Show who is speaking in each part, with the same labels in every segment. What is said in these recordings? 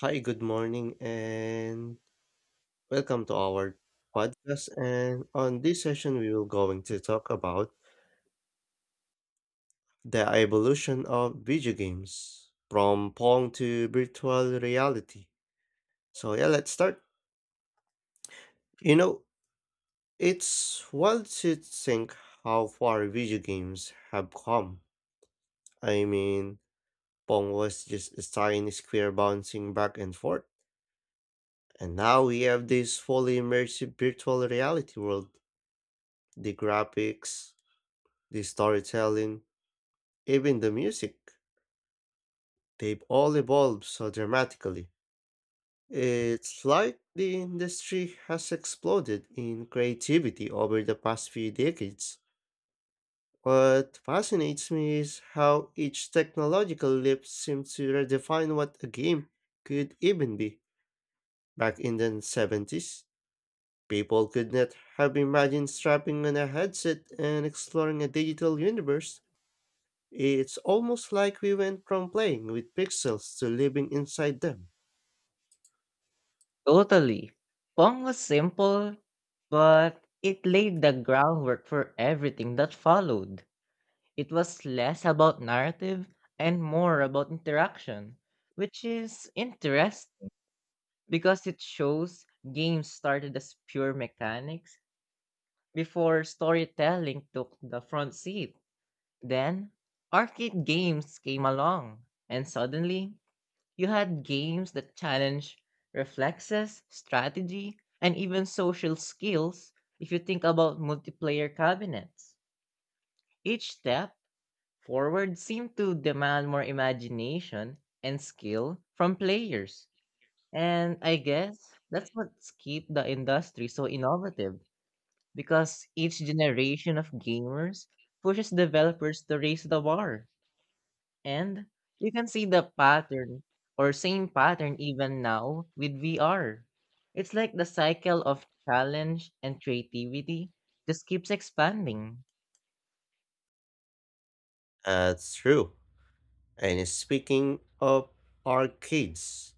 Speaker 1: Hi, good morning, and welcome to our podcast. And on this session, we will going to talk about the evolution of video games from Pong to virtual reality. So yeah, let's start. You know, it's wild to think how far video games have come. I mean, Pong was just a tiny square bouncing back and forth, and now we have this fully immersive virtual reality world. The graphics, the storytelling, even the music, they've all evolved so dramatically. It's like the industry has exploded in creativity over the past few decades. What fascinates me is how each technological leap seems to redefine what a game could even be. Back in the 70s, people could not have imagined strapping on a headset and exploring a digital universe. It's almost like we went from playing with pixels to living inside them.
Speaker 2: Totally. Pong was simple, but it laid the groundwork for everything that followed. It was less about narrative and more about interaction, which is interesting because it shows games started as pure mechanics before storytelling took the front seat. Then, arcade games came along, and suddenly, you had games that challenge reflexes, strategy, and even social skills if you think about multiplayer cabinets. Each step forward seemed to demand more imagination and skill from players. And I guess that's what's keep the industry so innovative because each generation of gamers pushes developers to raise the bar. And you can see the pattern or same pattern even now with VR. It's like the cycle of challenge and creativity just keeps expanding.
Speaker 1: That's true. And speaking of arcades,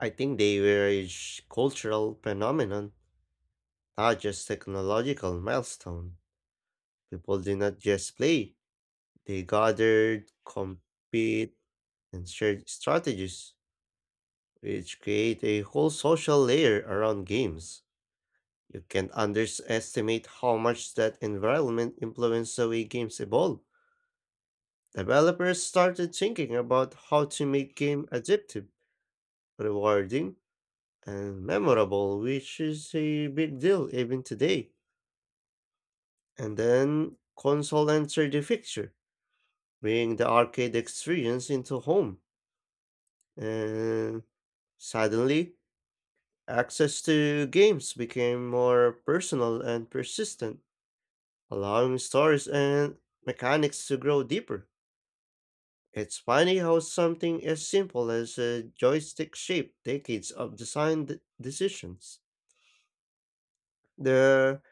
Speaker 1: I think they were a cultural phenomenon, not just technological milestone. People did not just play, they gathered, compete, and shared strategies, which create a whole social layer around games. You can't underestimate how much that environment influences the way games evolve. Developers started thinking about how to make game addictive, rewarding, and memorable, which is a big deal even today. And then console entered the picture, bringing the arcade experience into home. And suddenly, access to games became more personal and persistent, allowing stories and mechanics to grow deeper. It's funny how something as simple as a joystick shaped decades of design decisions. The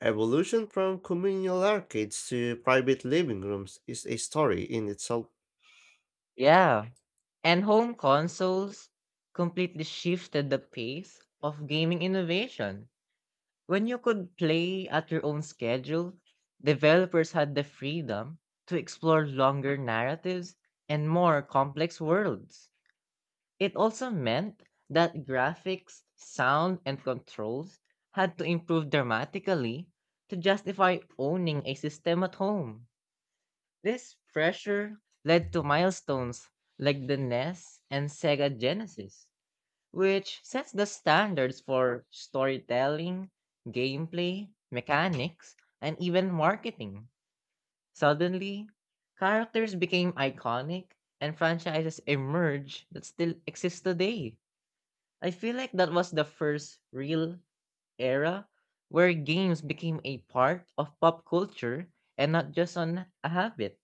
Speaker 1: evolution from communal arcades to private living rooms is a story in itself.
Speaker 2: Yeah. And home consoles completely shifted the pace of gaming innovation. When you could play at your own schedule, developers had the freedom to explore longer narratives and more complex worlds. It also meant that graphics, sound, and controls had to improve dramatically to justify owning a system at home. This pressure led to milestones like the NES and Sega Genesis, which sets the standards for storytelling, gameplay, mechanics, and even marketing. Suddenly, characters became iconic and franchises emerged that still exist today. I feel like that was the first real era where games became a part of pop culture and not just on a habit.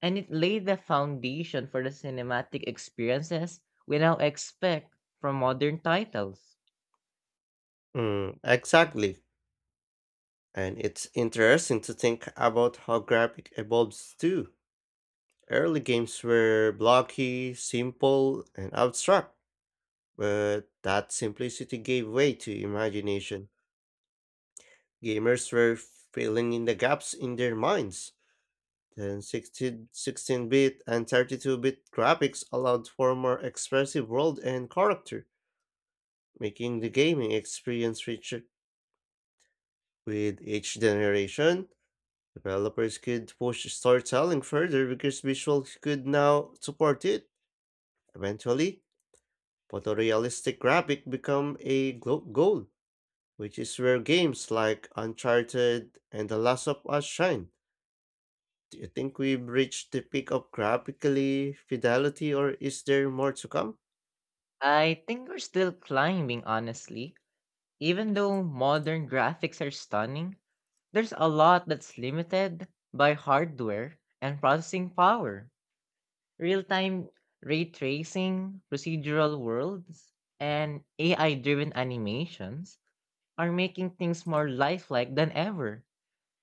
Speaker 2: And it laid the foundation for the cinematic experiences we now expect from modern titles.
Speaker 1: Mm, exactly. And it's interesting to think about how graphic evolves too. Early games were blocky, simple, and abstract, but that simplicity gave way to imagination. Gamers were filling in the gaps in their minds. The 16-bit and 32-bit graphics allowed for more expressive world and character, making the gaming experience richer. With each generation, developers could push storytelling further because visuals could now support it. Eventually, photorealistic graphic become a goal, which is where games like Uncharted and The Last of Us shine. Do you think we've reached the peak of graphically fidelity, or is there more to come?
Speaker 2: I think we're still climbing, honestly. Even though modern graphics are stunning, there's a lot that's limited by hardware and processing power. Real-time ray tracing, procedural worlds, and AI-driven animations are making things more lifelike than ever.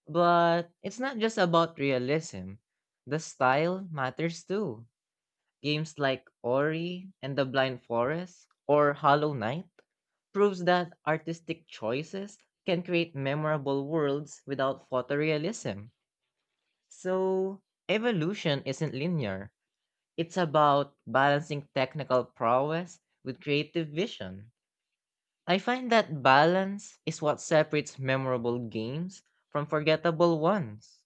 Speaker 2: But it's not just about realism. The style matters too. Games like Ori and the Blind Forest or Hollow Knight proves that artistic choices can create memorable worlds without photorealism. So, evolution isn't linear, it's about balancing technical prowess with creative vision. I find that balance is what separates memorable games from forgettable ones.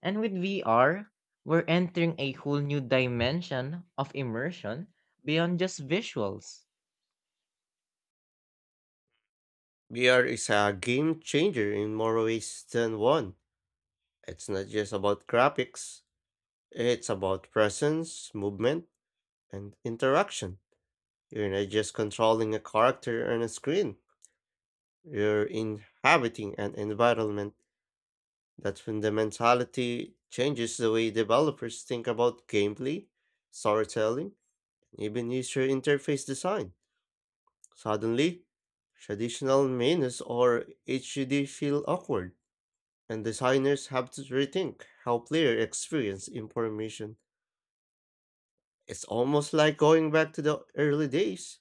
Speaker 2: And with VR, we're entering a whole new dimension of immersion beyond just visuals.
Speaker 1: VR is a game changer in more ways than one. It's not just about graphics, it's about presence, movement, and interaction. You're not just controlling a character on a screen, you're inhabiting an environment. That fundamentality changes the way developers think about gameplay, storytelling, and even user interface design. Suddenly, traditional menus or HUD feel awkward, and designers have to rethink how players experience information. It's almost like going back to the early days,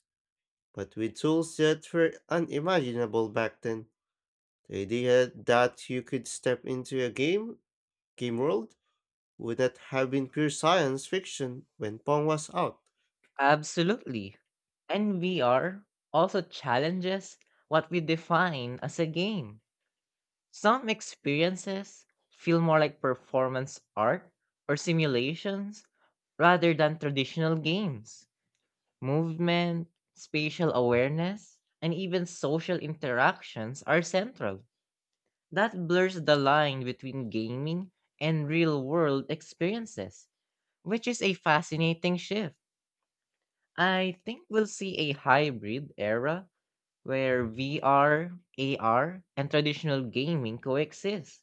Speaker 1: but with tools that were unimaginable back then. The idea that you could step into a game world, would not have been pure science fiction when Pong was out.
Speaker 2: Absolutely. And VR also challenges what we define as a game. Some experiences feel more like performance art or simulations rather than traditional games. Movement, spatial awareness, and even social interactions are central. That blurs the line between gaming and real world experiences, which is a fascinating shift. I think we'll see a hybrid era where VR, AR, and traditional gaming coexist,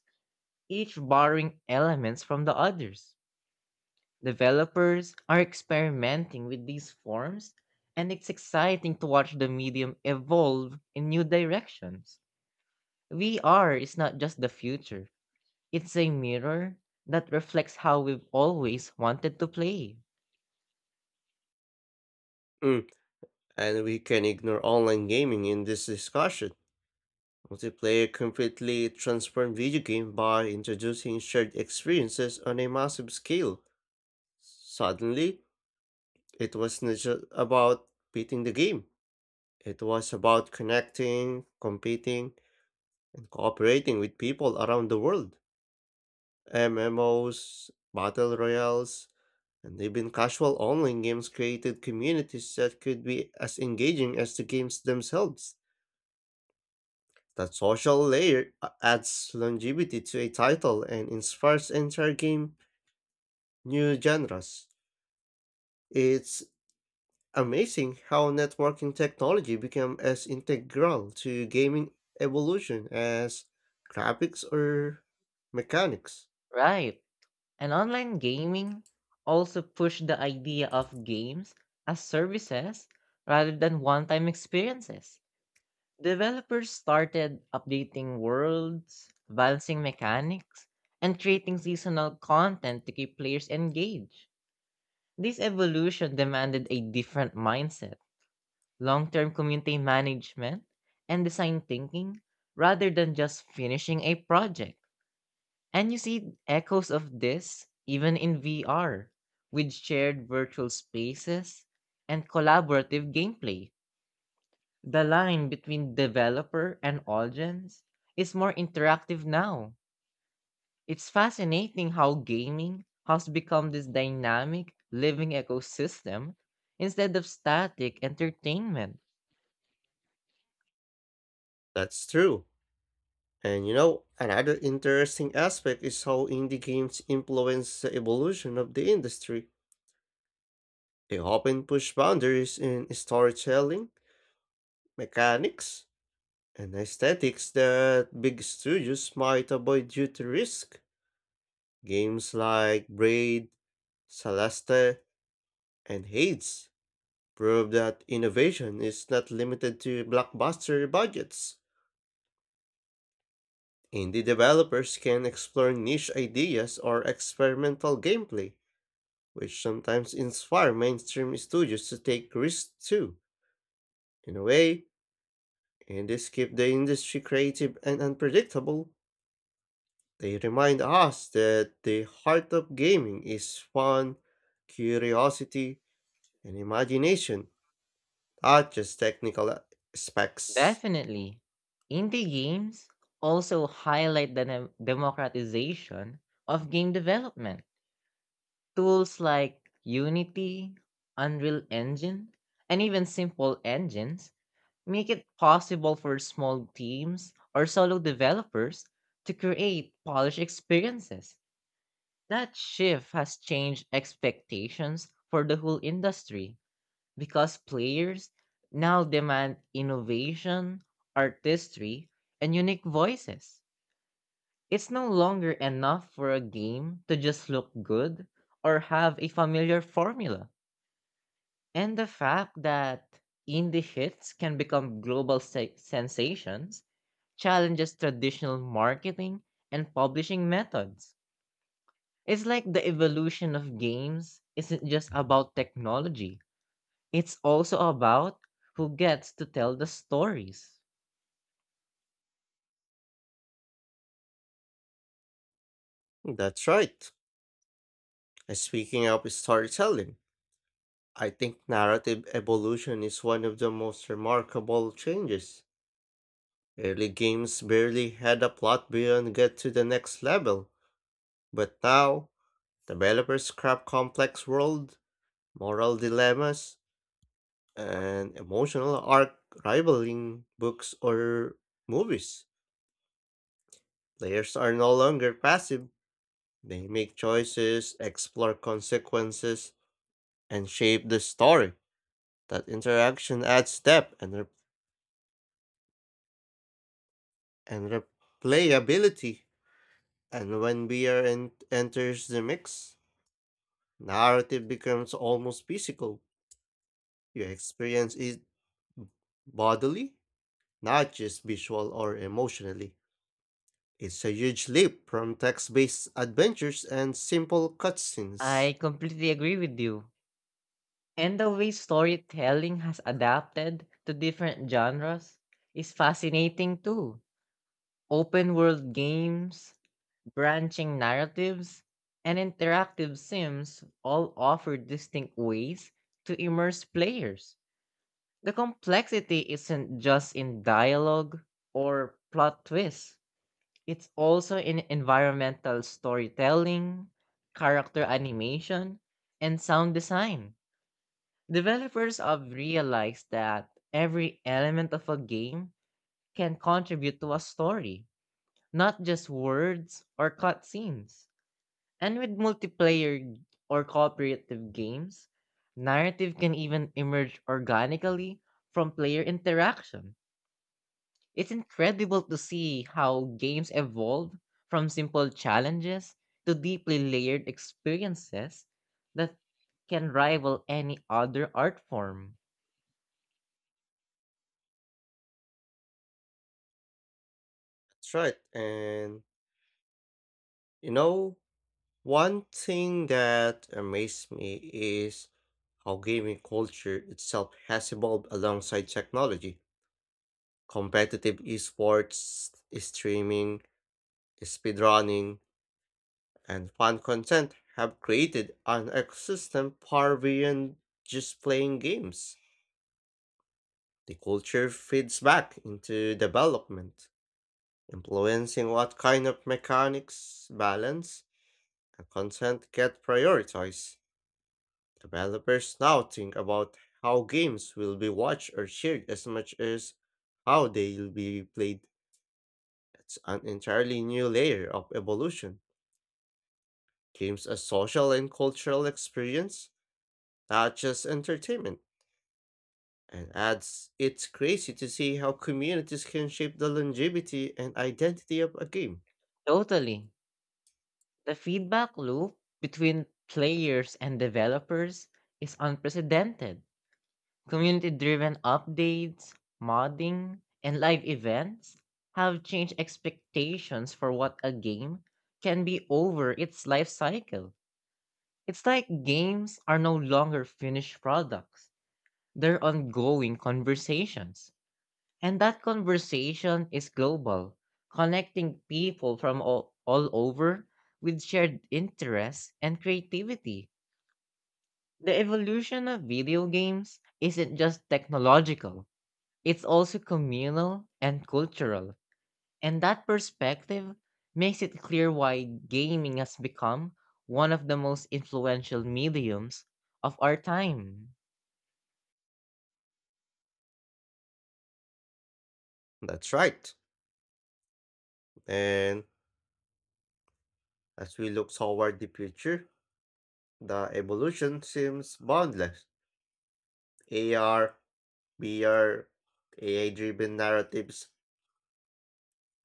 Speaker 2: each borrowing elements from the others. Developers are experimenting with these forms, and it's exciting to watch the medium evolve in new directions. VR is not just the future, it's a mirror that reflects how we've always wanted to play.
Speaker 1: Mm. And we can ignore online gaming in this discussion. Multiplayer completely transformed video game by introducing shared experiences on a massive scale. Suddenly, it was not just about beating the game. It was about connecting, competing, and cooperating with people around the world. MMOs, battle royales, and even casual online games created communities that could be as engaging as the games themselves. That social layer adds longevity to a title and inspires entire game new genres. It's amazing how networking technology became as integral to gaming evolution as graphics or mechanics.
Speaker 2: Right. And online gaming also pushed the idea of games as services rather than one time experiences. Developers started updating worlds, balancing mechanics, and creating seasonal content to keep players engaged. This evolution demanded a different mindset, long term community management, and design thinking rather than just finishing a project. And you see echoes of this even in VR, with shared virtual spaces and collaborative gameplay. The line between developer and audience is more interactive now. It's fascinating how gaming has become this dynamic, living ecosystem instead of static entertainment.
Speaker 1: That's true. And you know, another interesting aspect is how indie games influence the evolution of the industry. They often push boundaries in storytelling, mechanics, and aesthetics that big studios might avoid due to risk. Games like Braid, Celeste, and Hades prove that innovation is not limited to blockbuster budgets. Indie developers can explore niche ideas or experimental gameplay, which sometimes inspire mainstream studios to take risks too. In a way, indies keep the industry creative and unpredictable. They remind us that the heart of gaming is fun, curiosity, and imagination, not just technical specs.
Speaker 2: Definitely. Indie games also highlight the democratization of game development. Tools like Unity, Unreal Engine, and even simple engines make it possible for small teams or solo developers to create polished experiences. That shift has changed expectations for the whole industry because players now demand innovation, artistry, and unique voices. It's no longer enough for a game to just look good or have a familiar formula. And the fact that indie hits can become global sensations challenges traditional marketing and publishing methods. It's like the evolution of games isn't just about technology, it's also about who gets to tell the stories.
Speaker 1: That's right. And speaking of storytelling, I think narrative evolution is one of the most remarkable changes. Early games barely had a plot beyond get to the next level, but now developers craft complex world, moral dilemmas, and emotional arc rivaling books or movies. Players are no longer passive, they make choices, explore consequences, and shape the story. That interaction adds depth and replayability. And when enters the mix, narrative becomes almost physical. You experience it bodily, not just visual or emotionally. It's a huge leap from text-based adventures and simple cutscenes.
Speaker 2: I completely agree with you. And the way storytelling has adapted to different genres is fascinating too. Open world games, branching narratives, and interactive sims all offer distinct ways to immerse players. The complexity isn't just in dialogue or plot twists, it's also in environmental storytelling, character animation, and sound design. Developers have realized that every element of a game can contribute to a story, not just words or cutscenes. And with multiplayer or cooperative games, narrative can even emerge organically from player interaction. It's incredible to see how games evolve from simple challenges to deeply layered experiences that can rival any other art form.
Speaker 1: That's right. And you know, one thing that amazed me is how gaming culture itself has evolved alongside technology. Competitive esports, streaming, speedrunning, and fan content have created an ecosystem far beyond just playing games. The culture feeds back into development influencing what kind of mechanics, balance, and content get prioritized. Developers now think about how games will be watched or shared as much as how they'll be played. It's an entirely new layer of evolution. Games as social and cultural experience, not just entertainment. And adds it's crazy to see how communities can shape the longevity and identity of a game.
Speaker 2: Totally. The feedback loop between players and developers is unprecedented. Community driven updates, modding, and live events have changed expectations for what a game can be over its life cycle. It's like games are no longer finished products. They're ongoing conversations. And that conversation is global, connecting people from all over with shared interests and creativity. The evolution of video games isn't just technological, it's also communal and cultural. And that perspective makes it clear why gaming has become one of the most influential mediums of our time.
Speaker 1: That's right. And as we look toward the future, the evolution seems boundless. AR, VR, AI driven narratives,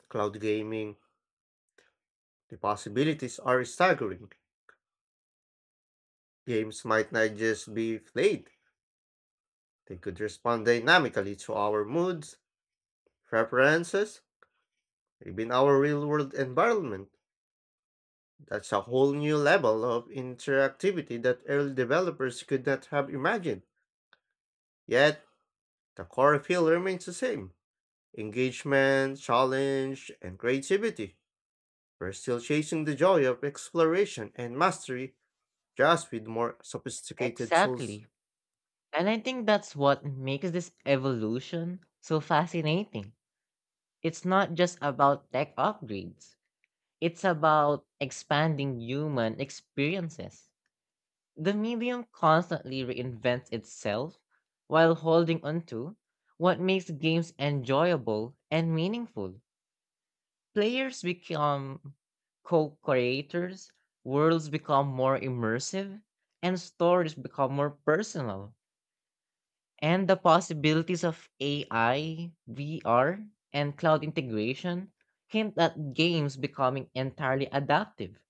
Speaker 1: cloud gaming, the possibilities are staggering. Games might not just be played, they could respond dynamically to our moods, preferences, even our real world environment. That's a whole new level of interactivity that early developers could not have imagined. Yet, the core feel remains the same. Engagement, challenge, and creativity. We're still chasing the joy of exploration and mastery, just with more sophisticated tools.
Speaker 2: Exactly. And I think that's what makes this evolution so fascinating. It's not just about tech upgrades, it's about expanding human experiences. The medium constantly reinvents itself while holding onto what makes games enjoyable and meaningful. Players become co-creators, worlds become more immersive, and stories become more personal. And the possibilities of AI, VR, and cloud integration hint at games becoming entirely adaptive,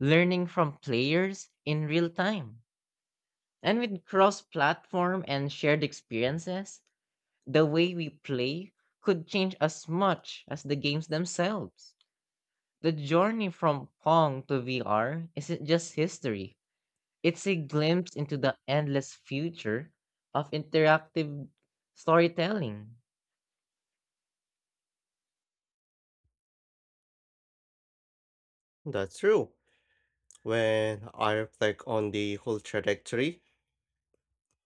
Speaker 2: learning from players in real time. And with cross-platform and shared experiences, the way we play could change as much as the games themselves. The journey from Pong to VR isn't just history, it's a glimpse into the endless future of interactive storytelling.
Speaker 1: That's true. When I reflect on the whole trajectory,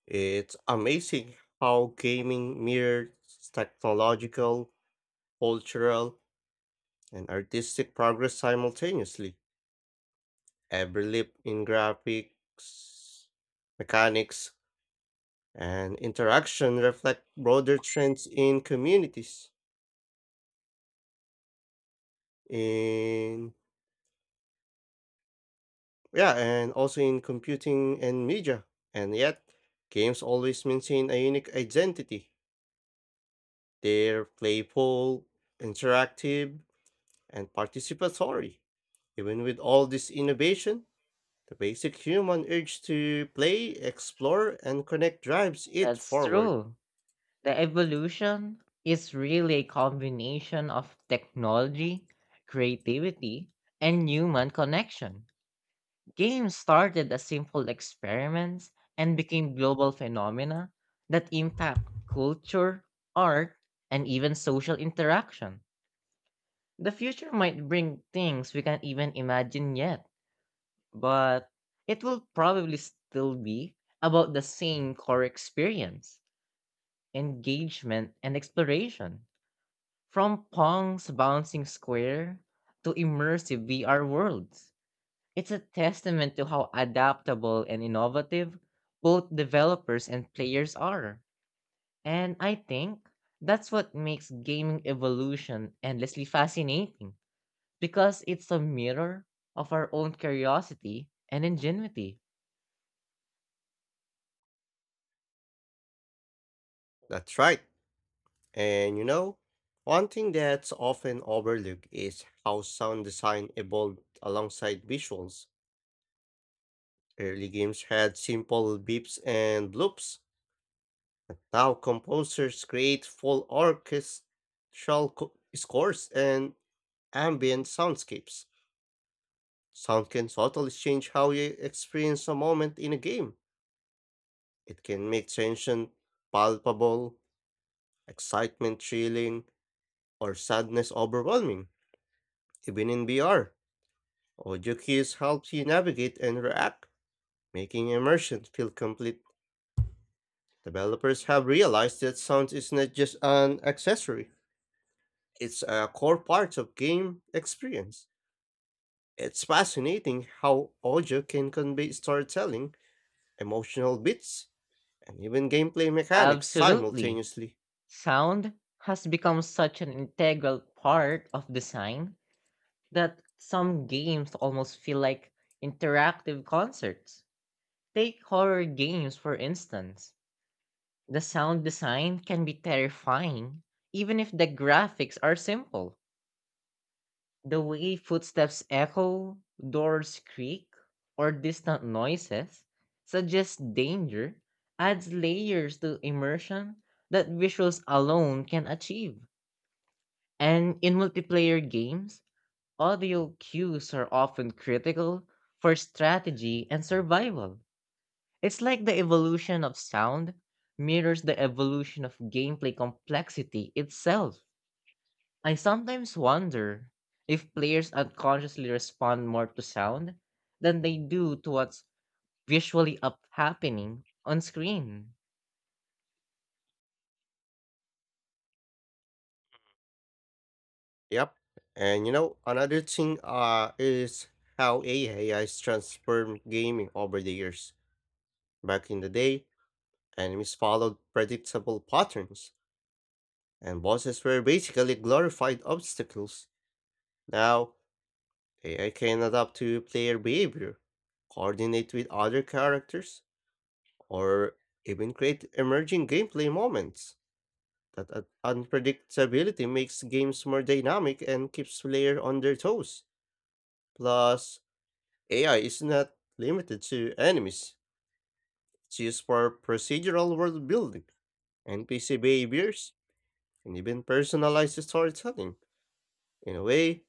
Speaker 1: it's amazing how gaming mirrors technological, cultural, and artistic progress simultaneously. Every leap in graphics, mechanics, and interaction reflect broader trends in communities, in, yeah, and also in computing and media, and yet games always maintain a unique identity. They're playful, interactive, and participatory. Even with all this innovation, the basic human urge to play, explore, and connect drives it
Speaker 2: That's
Speaker 1: forward.
Speaker 2: true. The evolution is really a combination of technology, creativity, and human connection. Games started as simple experiments and became global phenomena that impact culture, art, and even social interaction. The future might bring things we can't even imagine yet, but it will probably still be about the same core experience, engagement, and exploration. From Pong's bouncing square to immersive VR worlds, it's a testament to how adaptable and innovative both developers and players are. And I think that's what makes gaming evolution endlessly fascinating, because it's a mirror of our own curiosity and ingenuity.
Speaker 1: That's right. And you know, one thing that's often overlooked is how sound design evolved alongside visuals. Early games had simple beeps and bloops, but now composers create full orchestral scores and ambient soundscapes. Sound can totally change how you experience a moment in a game. It can make tension palpable, excitement thrilling, or sadness overwhelming, even in VR. Audio cues help you navigate and react, making immersion feel complete. Developers have realized that sound is not just an accessory, it's a core part of game experience. It's fascinating how audio can convey storytelling, emotional beats, and even gameplay mechanics
Speaker 2: Absolutely.
Speaker 1: simultaneously.
Speaker 2: Sound has become such an integral part of design that some games almost feel like interactive concerts. Take horror games, for instance. The sound design can be terrifying, even if the graphics are simple. The way footsteps echo, doors creak, or distant noises suggest danger adds layers to immersion that visuals alone can achieve. And in multiplayer games, audio cues are often critical for strategy and survival. It's like the evolution of sound mirrors the evolution of gameplay complexity itself. I sometimes wonder if players unconsciously respond more to sound than they do to what's visually up happening on screen.
Speaker 1: Yep. And you know, another thing is how AI has transformed gaming over the years. Back in the day, enemies followed predictable patterns, and bosses were basically glorified obstacles. Now, AI can adapt to player behavior, coordinate with other characters, or even create emerging gameplay moments. That unpredictability makes games more dynamic and keeps players on their toes. Plus, AI is not limited to enemies. It's used for procedural world building, NPC behaviors, and even personalized storytelling. In a way,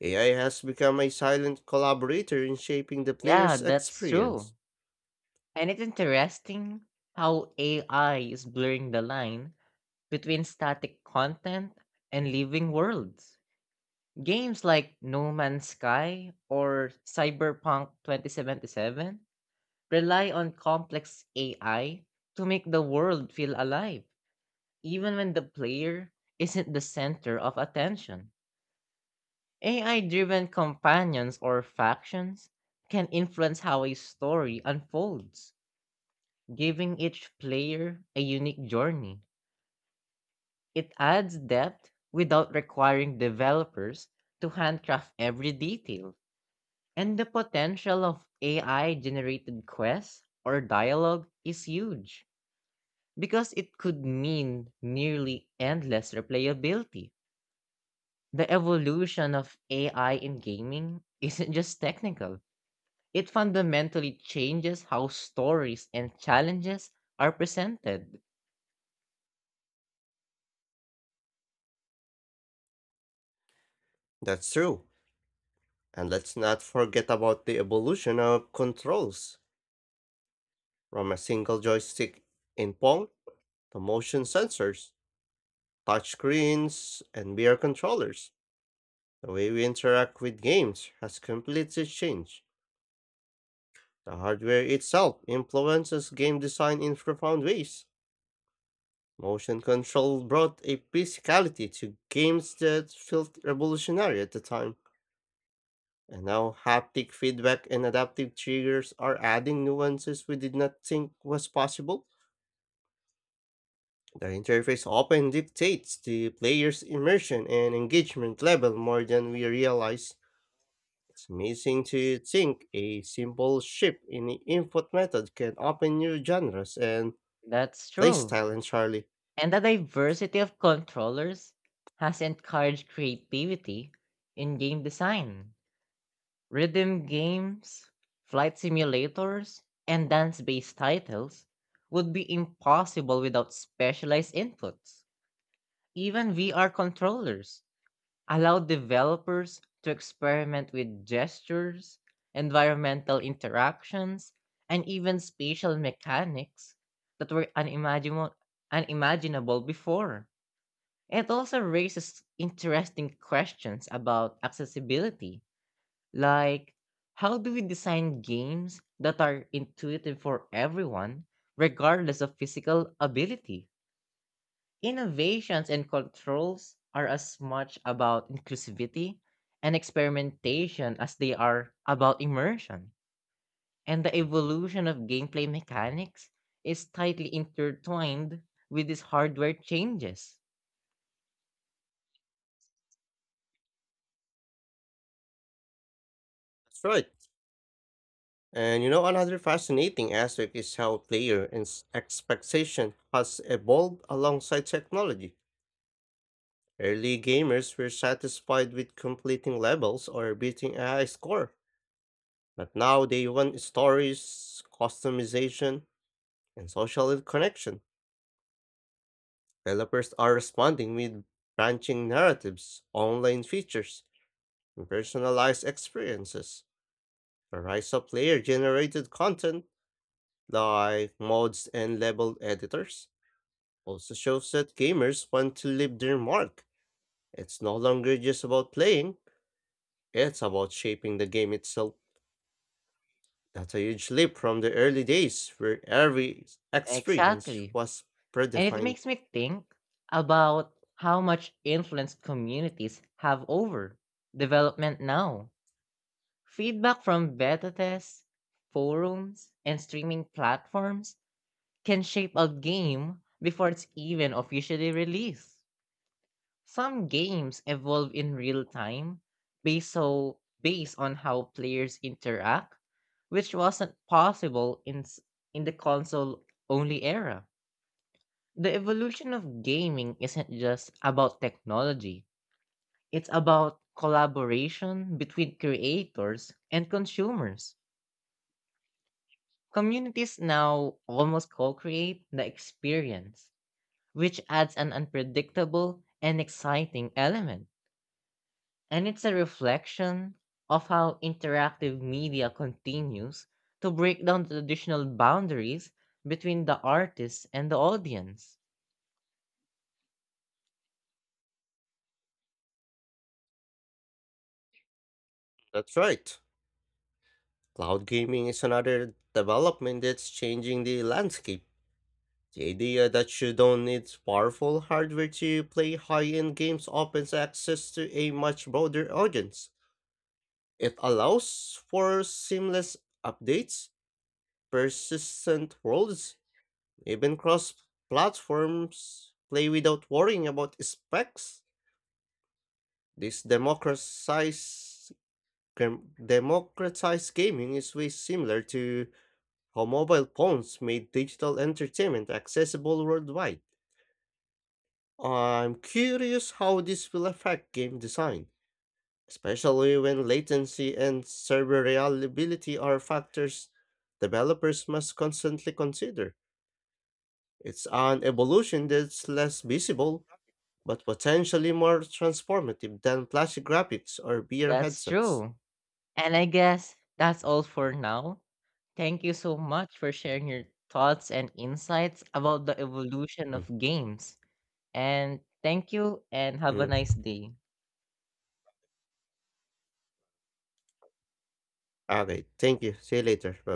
Speaker 1: AI has become a silent collaborator in shaping the
Speaker 2: Yeah,
Speaker 1: player's
Speaker 2: that's true.
Speaker 1: experience.
Speaker 2: And it's interesting how AI is blurring the line between static content and living worlds. Games like No Man's Sky or Cyberpunk 2077 rely on complex AI to make the world feel alive even when the player isn't the center of attention. AI driven companions or factions can influence how a story unfolds, giving each player a unique journey. It adds depth without requiring developers to handcraft every detail, and the potential of AI generated quests or dialogue is huge because it could mean nearly endless replayability. The evolution of AI in gaming isn't just technical, it fundamentally changes how stories and challenges are presented.
Speaker 1: That's true. And let's not forget about the evolution of controls from a single joystick in Pong to motion sensors, touch screens, and VR controllers. The way we interact with games has completely changed. The hardware itself influences game design in profound ways. Motion control brought a physicality to games that felt revolutionary at the time. And now haptic feedback and adaptive triggers are adding nuances we did not think was possible. The interface often dictates the player's immersion and engagement level more than we realize. It's amazing to think a simple shift in the input method can open new genres and
Speaker 2: That's true.
Speaker 1: playstyle entirely.
Speaker 2: And the diversity of controllers has encouraged creativity in game design. Rhythm games, flight simulators, and dance based titles would be impossible without specialized inputs. Even VR controllers allow developers to experiment with gestures, environmental interactions, and even spatial mechanics that were unimaginable before. It also raises interesting questions about accessibility, like how do we design games that are intuitive for everyone, regardless of physical ability? Innovations and controls are as much about inclusivity and experimentation as they are about immersion. And the evolution of gameplay mechanics is tightly intertwined with these hardware changes.
Speaker 1: That's right. And you know, another fascinating aspect is how player expectation has evolved alongside technology. Early gamers were satisfied with completing levels or beating a high score, but now they want stories, customization, and social connection. Developers are responding with branching narratives, online features, and personalized experiences. The rise of player generated content like mods and level editors also shows that gamers want to leave their mark. It's no longer just about playing, it's about shaping the game itself. That's a huge leap from the early days where every experience
Speaker 2: Exactly.
Speaker 1: was
Speaker 2: And it
Speaker 1: predefined.
Speaker 2: makes me think about how much influence communities have over development now. Feedback from beta tests, forums, and streaming platforms can shape a game before it's even officially released. Some games evolve in real time based on how players interact, which wasn't possible in in the console only era. The evolution of gaming isn't just about technology. It's about collaboration between creators and consumers. Communities now almost co-create the experience which adds an unpredictable and exciting element. And it's a reflection of how interactive media continues to break down the traditional boundaries between the artist and the audience.
Speaker 1: That's right. Cloud gaming is another development that's changing the landscape. The idea that you don't need powerful hardware to play high end games opens access to a much broader audience. It allows for seamless updates, persistent worlds, even cross platforms, play without worrying about specs. This democratized gaming is way similar to how mobile phones made digital entertainment accessible worldwide. I'm curious how this will affect game design, especially when latency and server reliability are factors developers must constantly consider. It's an evolution that's less visible, but potentially more transformative than plastic graphics or VR
Speaker 2: That's
Speaker 1: headsets.
Speaker 2: true. And I guess that's all for now. Thank you so much for sharing your thoughts and insights about the evolution
Speaker 1: Mm,
Speaker 2: of games. And thank you and have a nice
Speaker 1: mm.
Speaker 2: day.
Speaker 1: Okay, thank you. See you later. Bye